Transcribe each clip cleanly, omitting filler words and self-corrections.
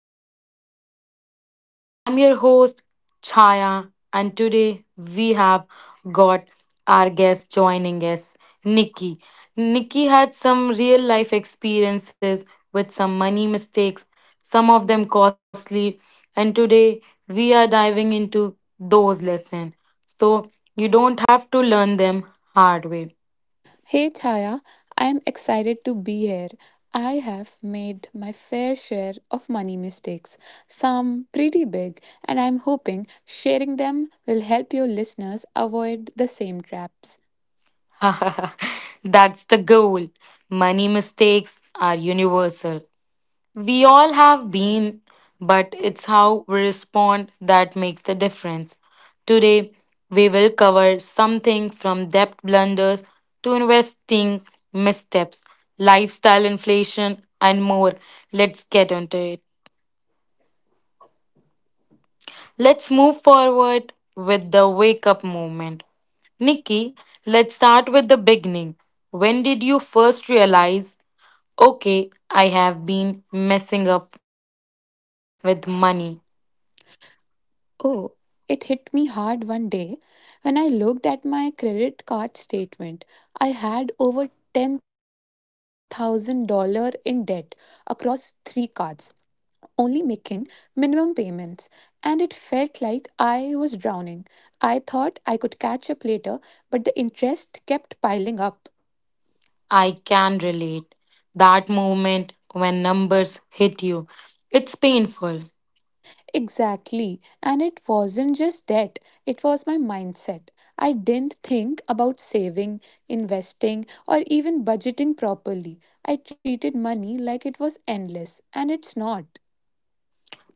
everything in between. I'm your host, Chaya, and today we have got our guest joining us, Nikki. Nikki had some real life experiences with some money mistakes, some of them costly, and today we are diving into those lessons so you don't have to learn them hard way. Hey Chaya, I am excited to be here. I have made my fair share of money mistakes, some pretty big, and I'm hoping sharing them will help your listeners avoid the same traps. That's the goal. Money mistakes are universal. We all have been, but it's how we respond that makes the difference. Today, we will cover something from debt blunders to investing missteps, lifestyle inflation, and more. Let's get onto it. Let's move forward with the wake up movement. Nikki, let's start with the beginning. When did you first realize, okay, I have been messing up with money? Oh, it hit me hard one day when I looked at my credit card statement. I had over $10,000 in debt across three cards. Only making minimum payments, and it felt like I was drowning. I thought I could catch up later, but the interest kept piling up. I can relate. That moment when numbers hit you, it's painful. Exactly, and it wasn't just debt, it was my mindset. I didn't think about saving, investing, or even budgeting properly. I treated money like it was endless, and it's not.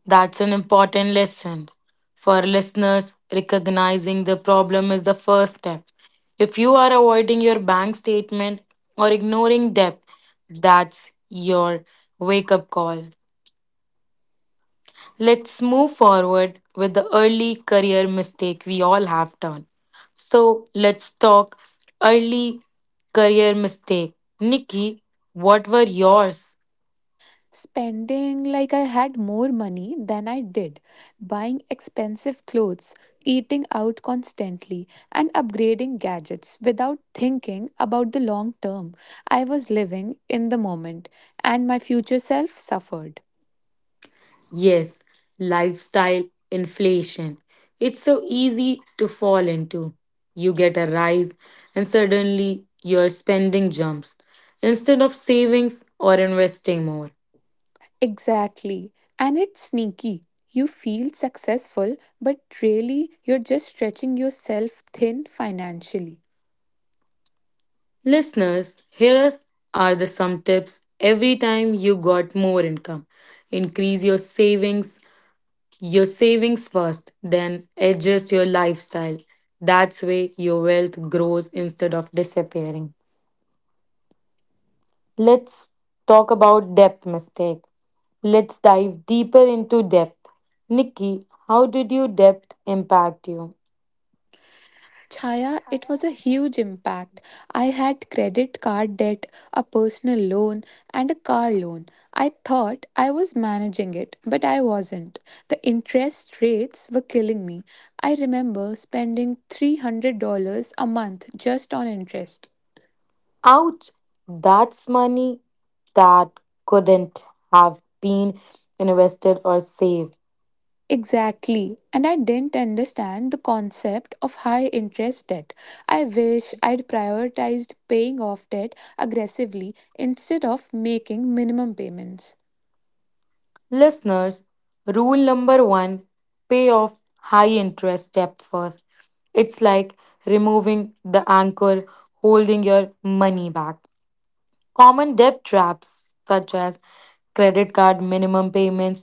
That's an important lesson for listeners. Recognizing the problem is the first step. If you are avoiding your bank statement or ignoring debt, that's your wake up call. Let's move forward with the early career mistake we all have done. So, let's talk early career mistake. Nikki, what were yours? Spending like I had more money than I did, buying expensive clothes, eating out constantly, and upgrading gadgets without thinking about the long term. I was living in the moment, and my future self suffered. Yes, lifestyle inflation. It's so easy to fall into. You get a rise, and suddenly your spending jumps instead of savings or investing more. Exactly. And it's sneaky. You feel successful, but really you're just stretching yourself thin financially. Listeners, are the some tips every time you got more income. Increase your savings first, then adjust your lifestyle. That's way your wealth grows instead of disappearing. Let's talk about depth mistake. Let's dive deeper into depth. Nikki, how did your depth impact you? Chaya, it was a huge impact. I had credit card debt, a personal loan, and a car loan. I thought I was managing it, but I wasn't. The interest rates were killing me. I remember spending $300 a month just on interest. Ouch, that's money that couldn't have been invested or saved. Exactly. And I didn't understand the concept of high interest debt. I wish I'd prioritized paying off debt aggressively instead of making minimum payments. Listeners, rule number one, pay off high interest debt first. It's like removing the anchor holding your money back. Common debt traps such as credit card minimum payments,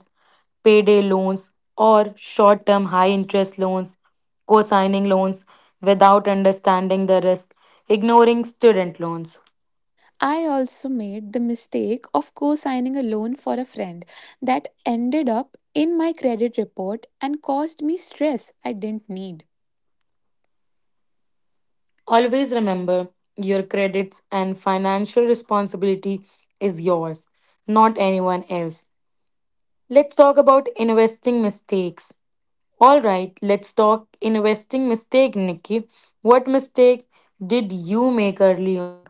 payday loans, or short term high interest loans, co signing loans without understanding the risk, ignoring student loans. I also made the mistake of co signing a loan for a friend that ended up in my credit report and caused me stress I didn't need. Always remember your credits and financial responsibility is yours, not anyone else. Let's talk about investing mistakes. All right, let's talk investing mistake, Nikki. What mistake did you make early on?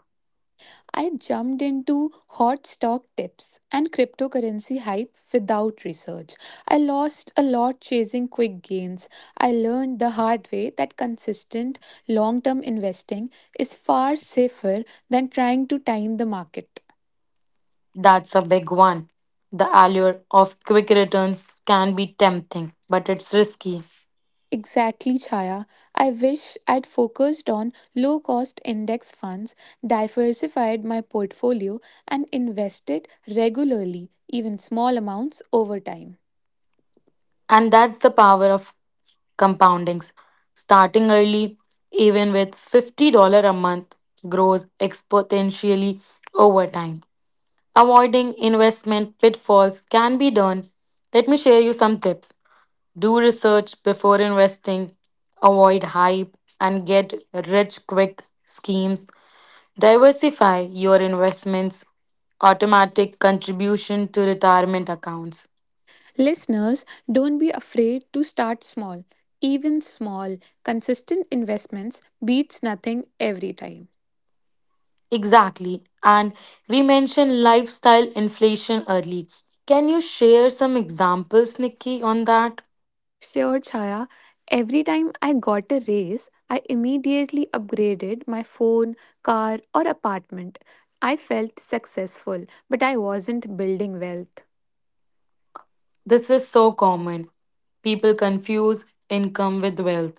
I jumped into hot stock tips and cryptocurrency hype without research. I lost a lot chasing quick gains. I learned the hard way that consistent long term investing is far safer than trying to time the market. That's a big one. The allure of quick returns can be tempting, but it's risky. Exactly, Chaya. I wish I'd focused on low cost index funds, diversified my portfolio, and invested regularly, even small amounts over time. And that's the power of compoundings. Starting early, even with $50 a month, grows exponentially over time. Avoiding investment pitfalls can be done. Let me share you some tips. Do research before investing, avoid hype, and get rich quick schemes. Diversify your investments, automatic contribution to retirement accounts. Listeners, don't be afraid to start small. Even small, consistent investments beats nothing every time. Exactly. And we mentioned lifestyle inflation early. Can you share some examples, Nikki, on that? Sure, Chaya. Every time I got a raise, I immediately upgraded my phone, car, or apartment. I felt successful, but I wasn't building wealth. This is so common. People confuse income with wealth.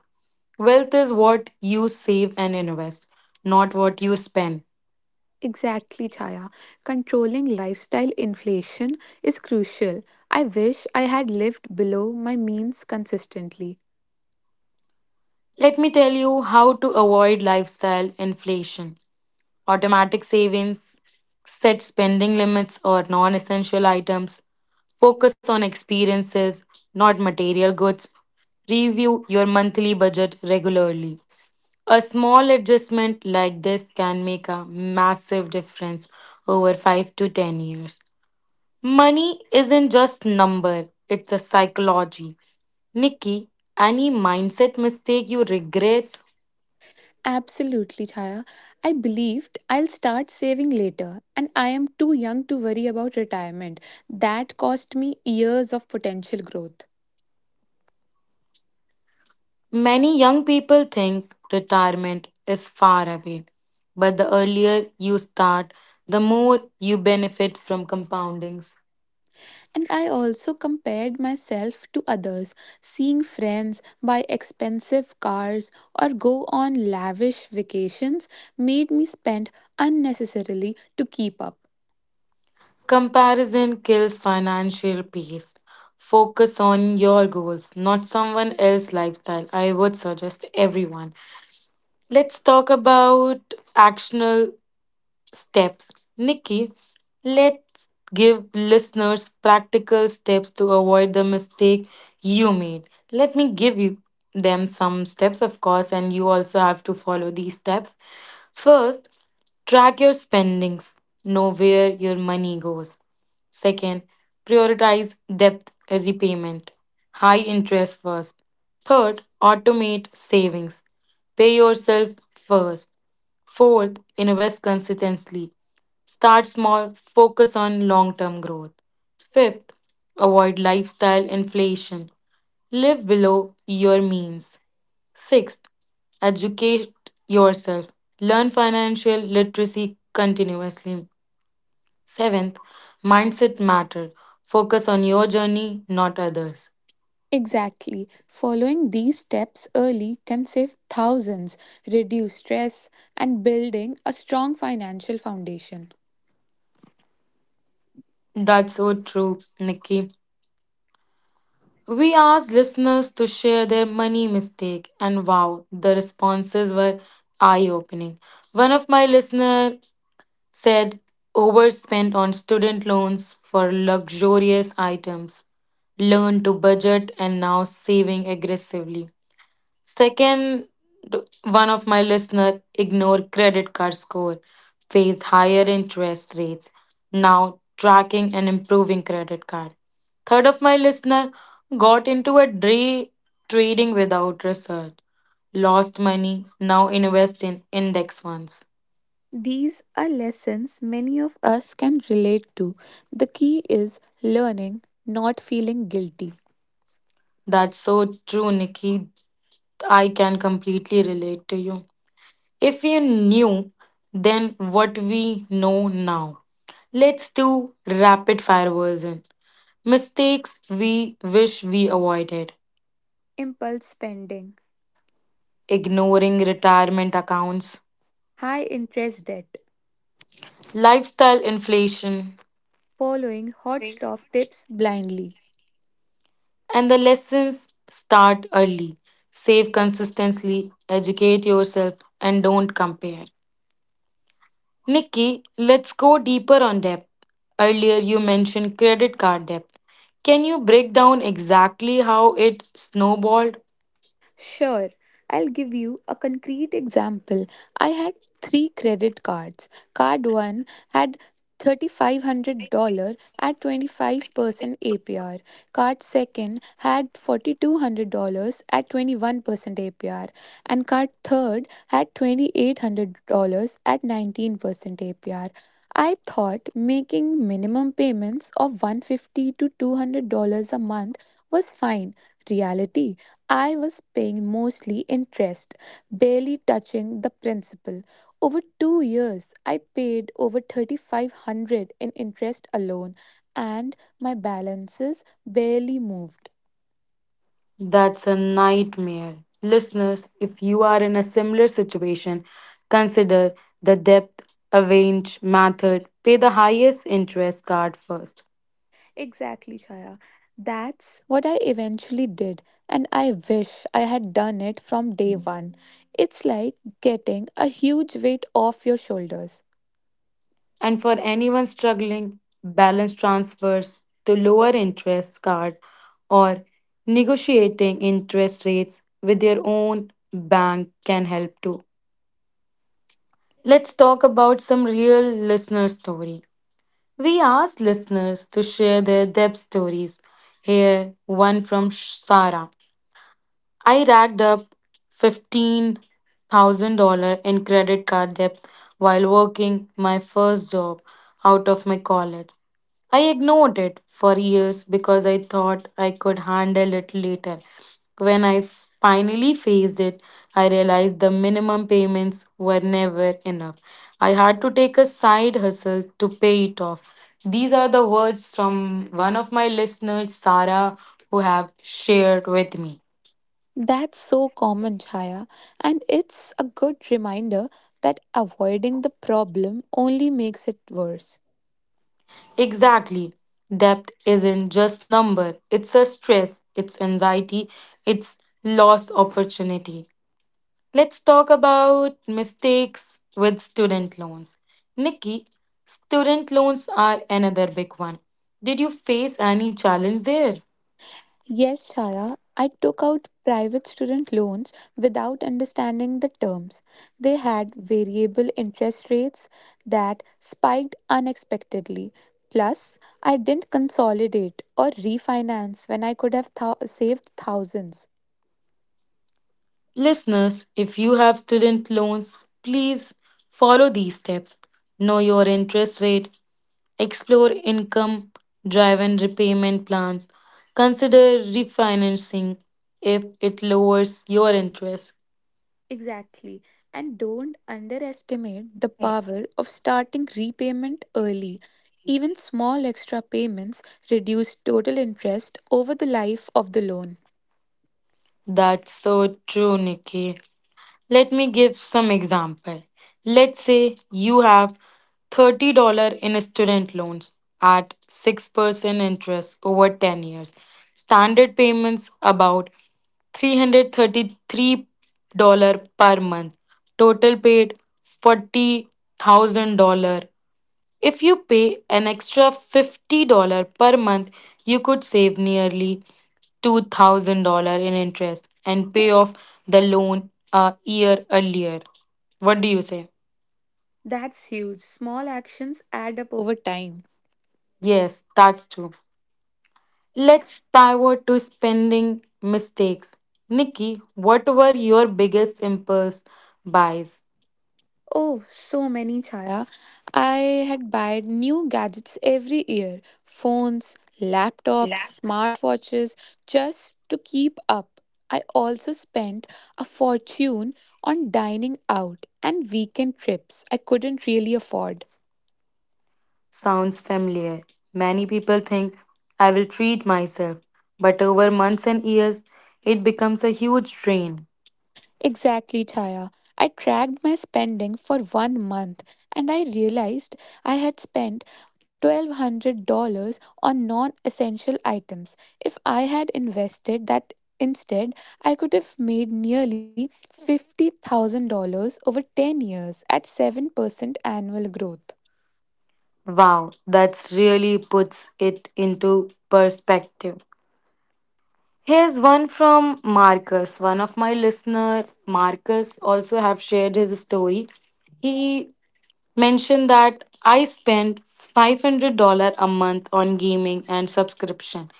Wealth is what you save and invest, not what you spend. Exactly, Chaya. Controlling lifestyle inflation is crucial. I wish I had lived below my means consistently. Let me tell you how to avoid lifestyle inflation. Automatic savings, set spending limits or non essential items, focus on experiences, not material goods, review your monthly budget regularly. A small adjustment like this can make a massive difference over 5 to 10 years. Money isn't just number, it's a psychology. Nikki, any mindset mistake you regret? Absolutely, Chaya. I believed I'll start saving later, and I am too young to worry about retirement. That cost me years of potential growth. Many young people think retirement is far away, but the earlier you start, the more you benefit from compoundings. And I also compared myself to others, seeing friends buy expensive cars or go on lavish vacations made me spend unnecessarily to keep up. Comparison kills financial peace. Focus on your goals, not someone else's lifestyle. I would suggest everyone. Let's talk about actionable steps. Nikki, let's give listeners practical steps to avoid the mistake you made. Let me give you them some steps, of course, and you also have to follow these steps. First, track your spendings, know where your money goes. Second, prioritize debt repayment, high interest first. Third, automate savings, pay yourself first. Fourth, invest consistently. Start small, focus on long term growth. Fifth, avoid lifestyle inflation. Live below your means. Sixth, educate yourself. Learn financial literacy continuously. Seventh, mindset matter. Focus on your journey, not others. Exactly. Following these steps early can save thousands, reduce stress, and building a strong financial foundation. That's so true, Nikki. We asked listeners to share their money mistake, and wow, the responses were eye opening. One of my listeners said, overspent on student loans for luxurious items, learned to budget, and now saving aggressively. Second, one of my listener ignored credit card score, faced higher interest rates, now tracking and improving credit card. Third of my listener got into a day trading without research, lost money, now invest in index funds. These are lessons many of us can relate to. The key is learning, not feeling guilty. That's so true, Nikki. I can completely relate to you. If you knew then what we know now, let's do rapid fire version. Mistakes we wish we avoided, Impulse spending. ignoring retirement accounts, High interest debt, lifestyle inflation, following hot stock tips blindly. and the lessons start early. Save consistently, educate yourself, and don't compare. Nikki, let's go deeper on debt. Earlier, you mentioned credit card debt. Can you break down exactly how it snowballed? Sure, I'll give you a concrete example. I had three credit cards. Card 1 had $3,500 at 25% APR. Card 2 had $4,200 at 21% APR. And card 3 had $2,800 at 19% APR. I thought making minimum payments of 150 to $200 a month was fine. Reality, I was paying mostly interest, barely touching the principal. Over 2 years, I paid over 3,500 in interest alone, and my balances barely moved. That's a nightmare. Listeners, if you are in a similar situation, consider the depth arrange method. Pay the highest interest card first. Exactly, Chaya. That's what I eventually did, and I wish I had done it from day one. It's like getting a huge weight off your shoulders. And for anyone struggling, balance transfers to lower interest card or negotiating interest rates with your own bank can help too. Let's talk about some real listener story. We asked listeners to share their Deb stories. Here, one from Sara. I racked up $15,000 in credit card debt while working my first job out of my college. I ignored it for years because I thought I could handle it later. When I finally faced it, I realized the minimum payments were never enough. I had to take a side hustle to pay it off. These are the words from one of my listeners, Sarah, who have shared with me. That's so common, Chaya, and it's a good reminder that avoiding the problem only makes it worse. Exactly. Depth isn't just number. It's a stress, it's anxiety, it's lost opportunity. Let's talk about mistakes with student loans. Nikki, student loans are another big one. Did you face any challenge there? Yes, Shaya, I took out private student loans without understanding the terms. They had variable interest rates that spiked unexpectedly. Plus, I didn't consolidate or refinance when I could have saved thousands. Listeners, if you have student loans, please follow these steps. Know your interest rate, explore income driven repayment plans. Consider refinancing if it lowers your interest. Exactly. And don't underestimate the power of starting repayment early. Even small extra payments reduce total interest over the life of the loan. That's so true, Nikki. Let me give some example. Let's say you have $30 in student loans at 6% interest over 10 years. Standard payments about $333 per month. Total paid $40,000. If you pay an extra $50 per month, you could save nearly $2,000 in interest and pay off the loan a year earlier. What do you say? That's huge. Small actions add up over time. Yes, that's true. Let's pivot to spending mistakes. Nikki, what were your biggest impulse buys? Oh, so many, Chaya. I had bought new gadgets every year, phones, laptops, smartwatches, just to keep up. I also spent a fortune on dining out and weekend trips I couldn't really afford. Sounds familiar. Many people think I will treat myself, but over months and years, it becomes a huge drain. Exactly, Chaya. I tracked my spending for one month and I realized I had spent $1,200 on non essential items. If I had invested that instead, I could have made nearly $50,000 over 10 years at 7% annual growth. Wow, that's really puts it into perspective. Here's one from Marcus. One of my listener, Marcus, also have shared his story. He mention that I spent $500 a month on gaming and subscription.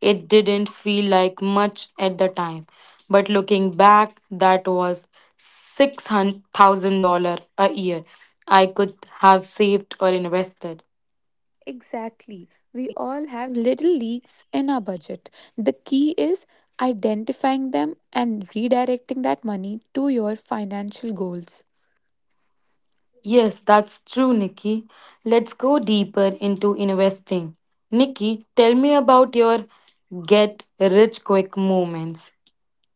It didn't feel like much at the time, but looking back, that was $6,000 a year I could have saved or invested. Exactly. We all have little leaks in our budget. The key is identifying them and redirecting that money to your financial goals. Yes, that's true, Nikki. Let's go deeper into investing. Nikki, tell me about your get rich quick moments.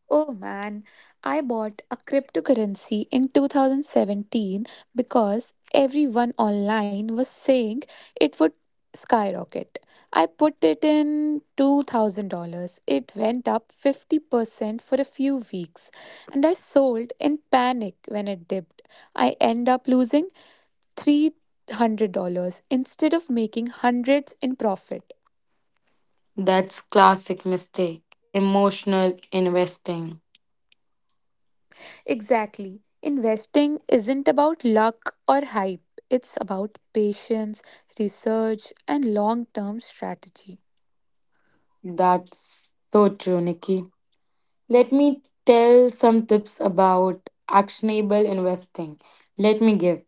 Oh man, I bought a cryptocurrency in 2017 because everyone online was saying it would skyrocket. I put it in $2,000. It went up 50% for a few weeks and I sold in panic when it dipped. I end up losing $300 instead of making hundreds in profit. That's classic mistake. Emotional investing. Exactly. Investing isn't about luck or hype, it's about patience, research, and long term strategy. That's so true, Nikki. Let me tell some tips about actionable investing. Let me give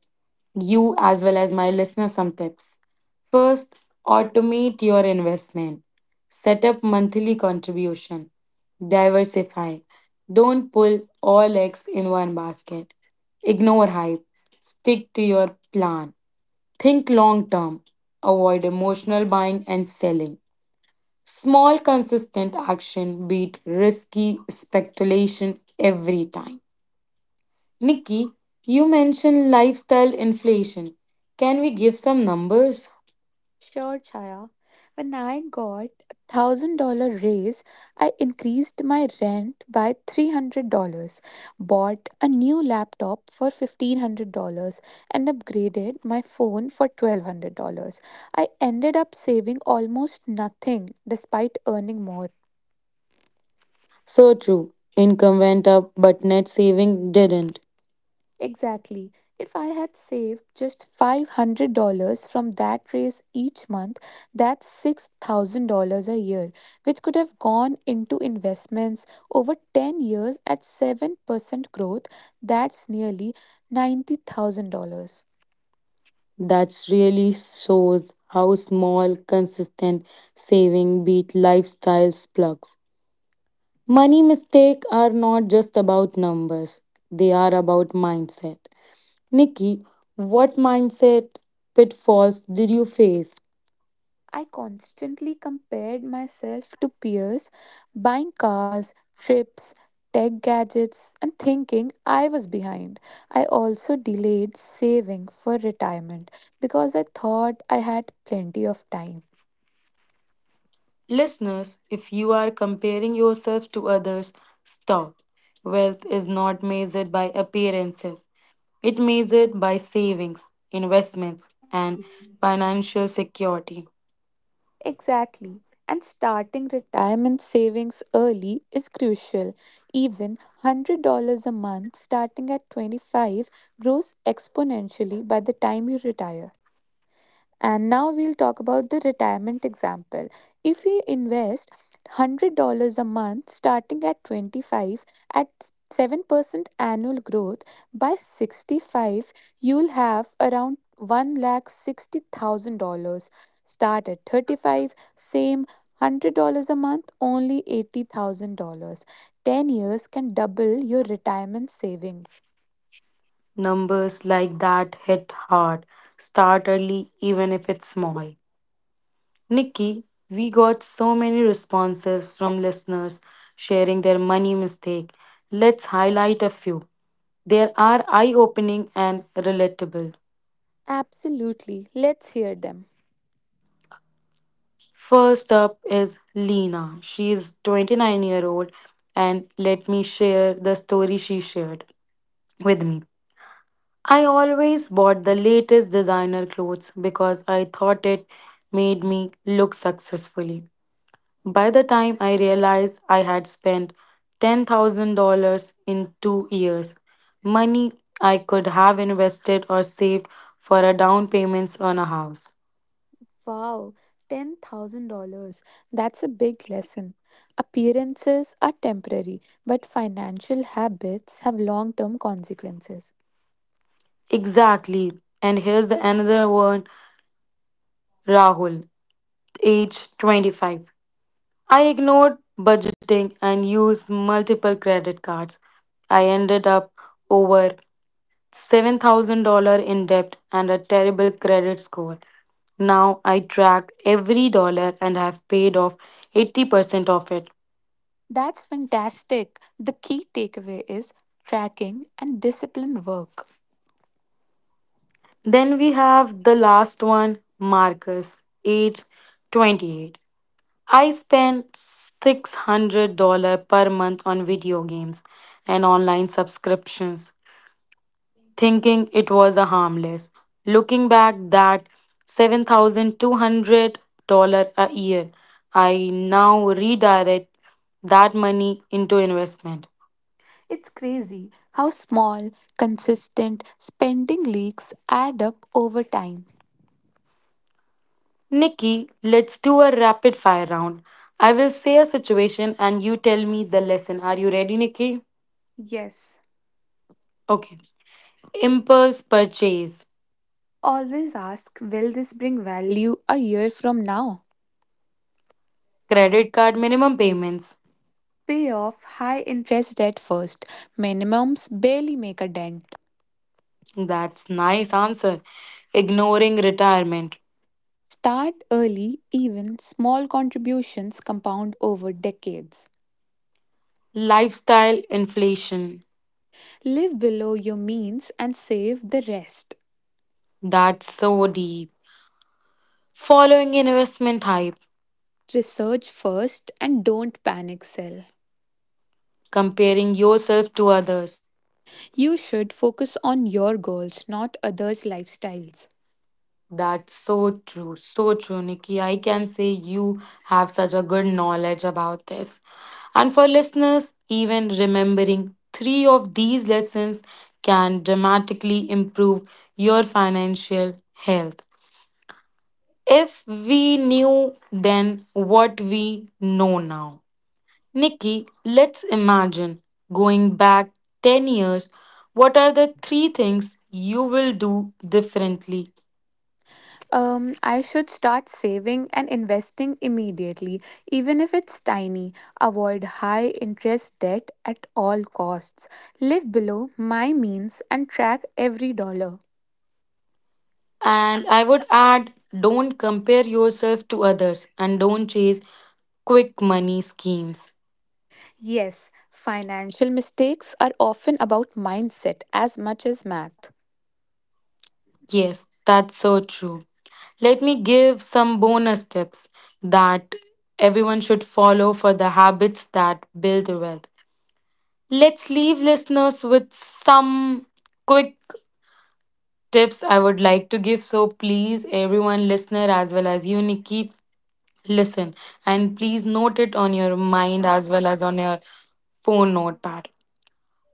you, as well as my listeners, some tips. First, automate your investment, set up monthly contribution, diversify. Don't pull all eggs in one basket. Ignore hype, stick to your plan. Think long term, avoid emotional buying and selling. Small, consistent action beat risky speculation every time. Nikki, you mentioned lifestyle inflation. Can we give some numbers? Sure, Chaya. When I got $1,000 raise, I increased my rent by $300, bought a new laptop for $1,500, and upgraded my phone for $1,200. I ended up saving almost nothing despite earning more. So true. Income went up, but net saving didn't. Exactly. If I had saved just $500 from that race each month, that's $6,000 a year, which could have gone into investments over 10 years at 7% growth. That's nearly $90,000. That really shows how small, consistent saving beat lifestyle plugs. Money mistakes are not just about numbers, they are about mindset. Nikki, what mindset pitfalls did you face? I constantly compared myself to peers buying cars, trips, tech gadgets, and thinking I was behind. I also delayed saving for retirement because I thought I had plenty of time. Listeners, if you are comparing yourself to others, stop. Wealth is not measured by appearances, it measured by savings, investments, and financial security. Exactly. And starting retirement savings early is crucial. Even $100 a month starting at 25 grows exponentially by the time you retire. And now we'll talk about the retirement example. If we invest $100 a month starting at 25 at 7% annual growth, by 65 you'll have around $160,000. Start at 35, same $100 a month, only $80,000. 10 years can double your retirement savings. Numbers like that hit hard. Start early, even if it's small. Nikki, we got so many responses from listeners sharing their money mistake. Let's highlight a few. They are eye opening and relatable. Absolutely. Let's hear them. First up is Lena. She is 29-year-old and let me share the story she shared with me. I always bought the latest designer clothes because I thought it made me look successfully. By the time I realized I had spent $10,000 in 2 years, money I could have invested or saved for a down payments on a house. Wow, $10,000. That's a big lesson. Appearances are temporary, but financial habits have long term consequences. Exactly. And here's the another one, Rahul, age 25. I ignored budgeting and used multiple credit cards. I ended up over $7,000 in debt and a terrible credit score. Now I track every dollar and have paid off 80% of it. That's fantastic. The key takeaway is tracking and disciplined work. Then we have the last one, Marcus, age 28. I spend $600 per month on video games and online subscriptions, thinking it was a harmless. Looking back, that $7,200 a year, I now redirect that money into investment. It's crazy how small, consistent spending leaks add up over time. Nikki, let's do a rapid fire round. I will say a situation and you tell me the lesson. Are you ready, Nikki? Yes. Okay. Impulse purchase, Always ask, will this bring value a year from now? credit card minimum payments. Pay off high interest debt first. Minimums barely make a dent. That's nice answer. Ignoring retirement, Start early, even small contributions compound over decades. lifestyle inflation, Live below your means and save the rest. that's so deep. Following investment hype, Research first and don't panic sell. comparing yourself to others. You should focus on your goals, not others' lifestyles. That's so true, Nikki. I can say you have such a good knowledge about this. And for listeners, even remembering three of these lessons can dramatically improve your financial health. If we knew then what we know now. Nikki, let's imagine going back 10 years. What are the three things you will do differently? I should start saving and investing immediately, even if it's tiny. Avoid high interest debt at all costs. Live below my means and track every dollar. And I would add don't compare yourself to others and don't chase quick money schemes. Yes, financial mistakes are often about mindset as much as math. Yes, that's so true. Let me give some bonus tips that everyone should follow for the habits that build wealth. Let's leave listeners with some quick tips I would like to give. So please, everyone, listener, as well as you, Nikki, listen and please note it on your mind as well as on your phone notepad.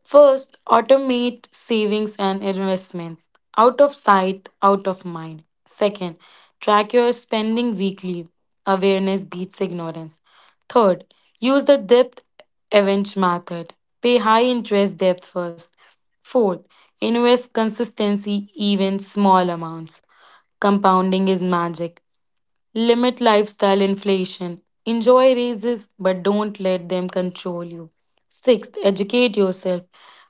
First, automate savings and investments. Out of sight, out of mind. Second, track your spending weekly. Awareness beats ignorance. Third, use the debt avenge method. Pay high interest debt first. Fourth, invest consistency, even small amounts. Compounding is magic. Limit lifestyle inflation. Enjoy raises, but don't let them control you. Sixth, educate yourself.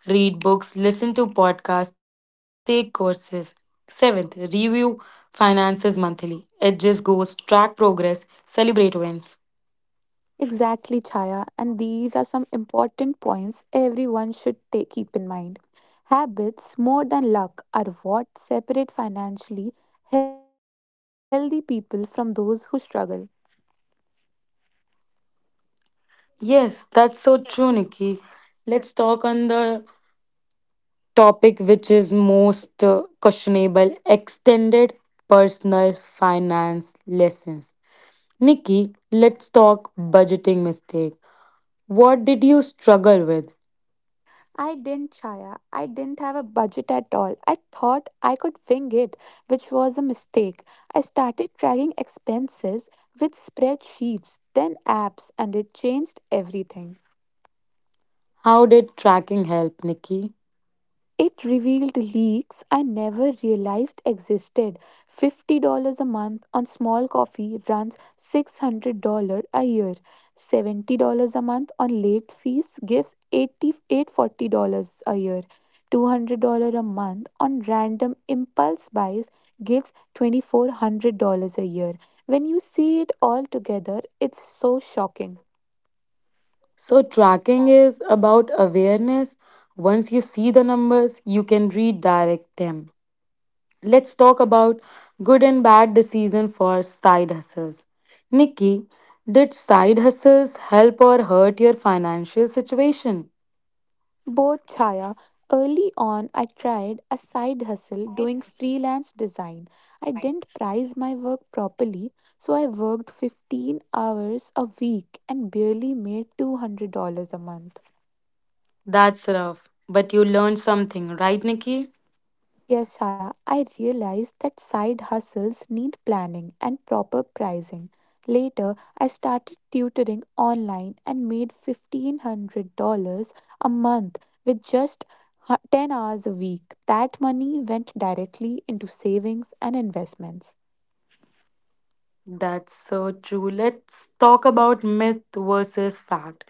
Read books, listen to podcasts, take courses. Seventh, review finances monthly. Adjust goals, track progress, celebrate wins. Exactly, Chaya. And these are some important points everyone should take, keep in mind. Habits, more than luck, are what separate financially healthy people from those who struggle. Yes, that's so true, Nikki. Let's talk on the topic which is most questionable extended personal finance lessons. Nikki, let's talk budgeting mistake. What did you struggle with? I didn't, Chaya. I didn't have a budget at all. I thought I could wing it, which was a mistake. I started tracking expenses with spreadsheets, then apps, and it changed everything. How did tracking help, Nikki? It revealed leaks I never realized existed. $50 a month on small coffee runs, $600 a year. $70 a month on late fees gives $8,840 a year. $200 a month on random impulse buys gives $2,400 a year. When you see it all together, it's so shocking. So, tracking is about awareness. Once you see the numbers, you can redirect them. Let's talk about good and bad decision for side hustles. Nikki, did side hustles help or hurt your financial situation? Both, Chaya. Early on, I tried a side hustle doing freelance design. I didn't price my work properly, so I worked 15 hours a week and barely made $200 a month. That's rough, but you learned something, right, Nikki? Yes, Shaya, I realized that side hustles need planning and proper pricing. Later, I started tutoring online and made $1,500 a month with just 10 hours a week. That money went directly into savings and investments. That's so true. Let's talk about myth versus fact.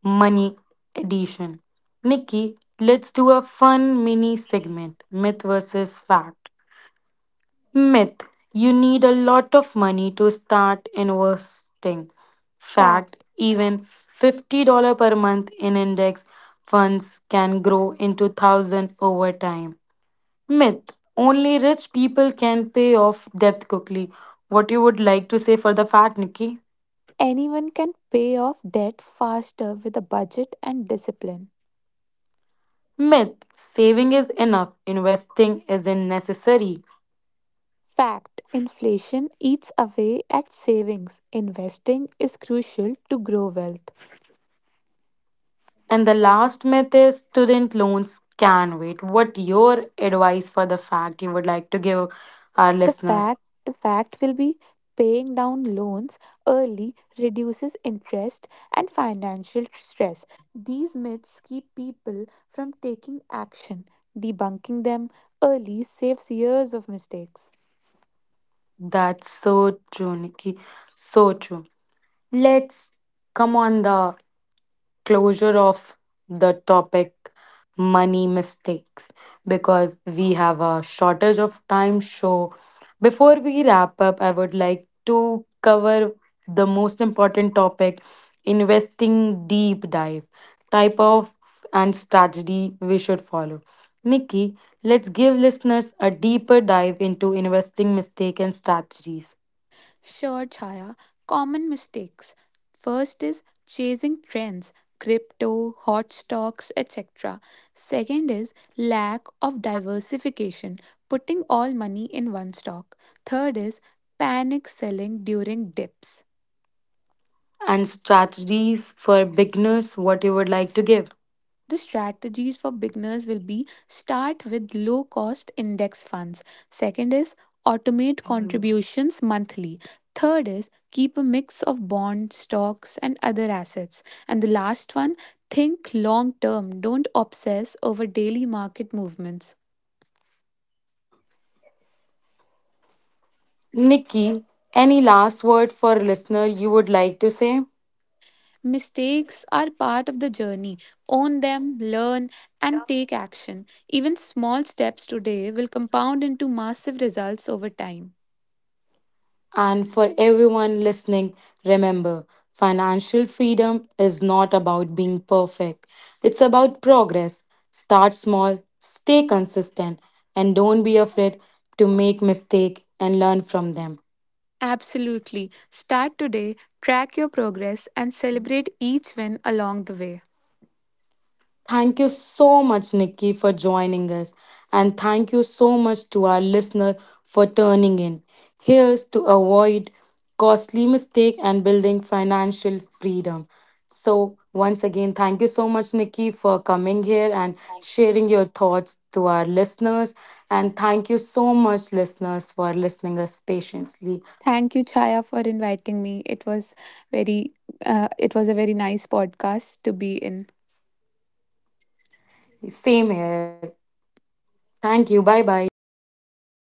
Money edition. Nikki, let's do a fun mini segment myth versus fact. Myth, you need a lot of money to start investing. Fact, Fact, even $50 per month in index funds can grow into 1,000 over time. Myth only rich people can pay off debt quickly. What you would like to say for the fact, Nikki? anyone can pay off debt faster with a budget and discipline. Myth saving is enough, investing isn't necessary. Fact, inflation eats away at savings. Investing is crucial to grow wealth. And the last myth is student loans can wait. What your advice for the fact you would like to give our The listeners? fact, will be paying down loans early reduces interest and financial stress. These myths keep people from taking action. Debunking them early saves years of mistakes. That's so true, Nikki. So true. Let's come on the closure of the topic money mistakes because we have a shortage of time so before we wrap up I would like to cover the most important topic investing deep dive type of and strategy we should follow Nikki. Let's give listeners a deeper dive into investing mistake Sure, Chaya. Common mistakes. First is chasing trends, crypto, hot stocks, etc. Second is lack of diversification, putting all money in one stock. Third is panic selling during dips. and strategies for beginners what you would like to give. The strategies for beginners will be, start with low cost index funds. Second is automate, mhm, contributions monthly. Third is keep a mix of bonds, stocks, and other assets. And the last one, think long term. Don't obsess over daily market movements. Nikki, any last word for listener you would like to say? Mistakes are part of the journey. Own them, learn, and take action. Even small steps today will compound into massive results over time. And for everyone listening, remember financial freedom is not about being perfect. It's about progress. Start small, stay consistent, and don't be afraid to make mistake and learn from them. Absolutely. Start today, track your progress, and celebrate each win along the way. Thank you so much, Nikki, for joining us. And thank you so much to our listener for turning in. Here's to avoid costly mistake and building financial freedom. So, once again, thank you so much, Nikki, for coming here and sharing your thoughts to our listeners. And thank you so much, listeners, for listening us patiently. Thank you, Chaya, for inviting me. It was very, a very nice podcast to be in. Same here. Thank you. Bye bye. Bye.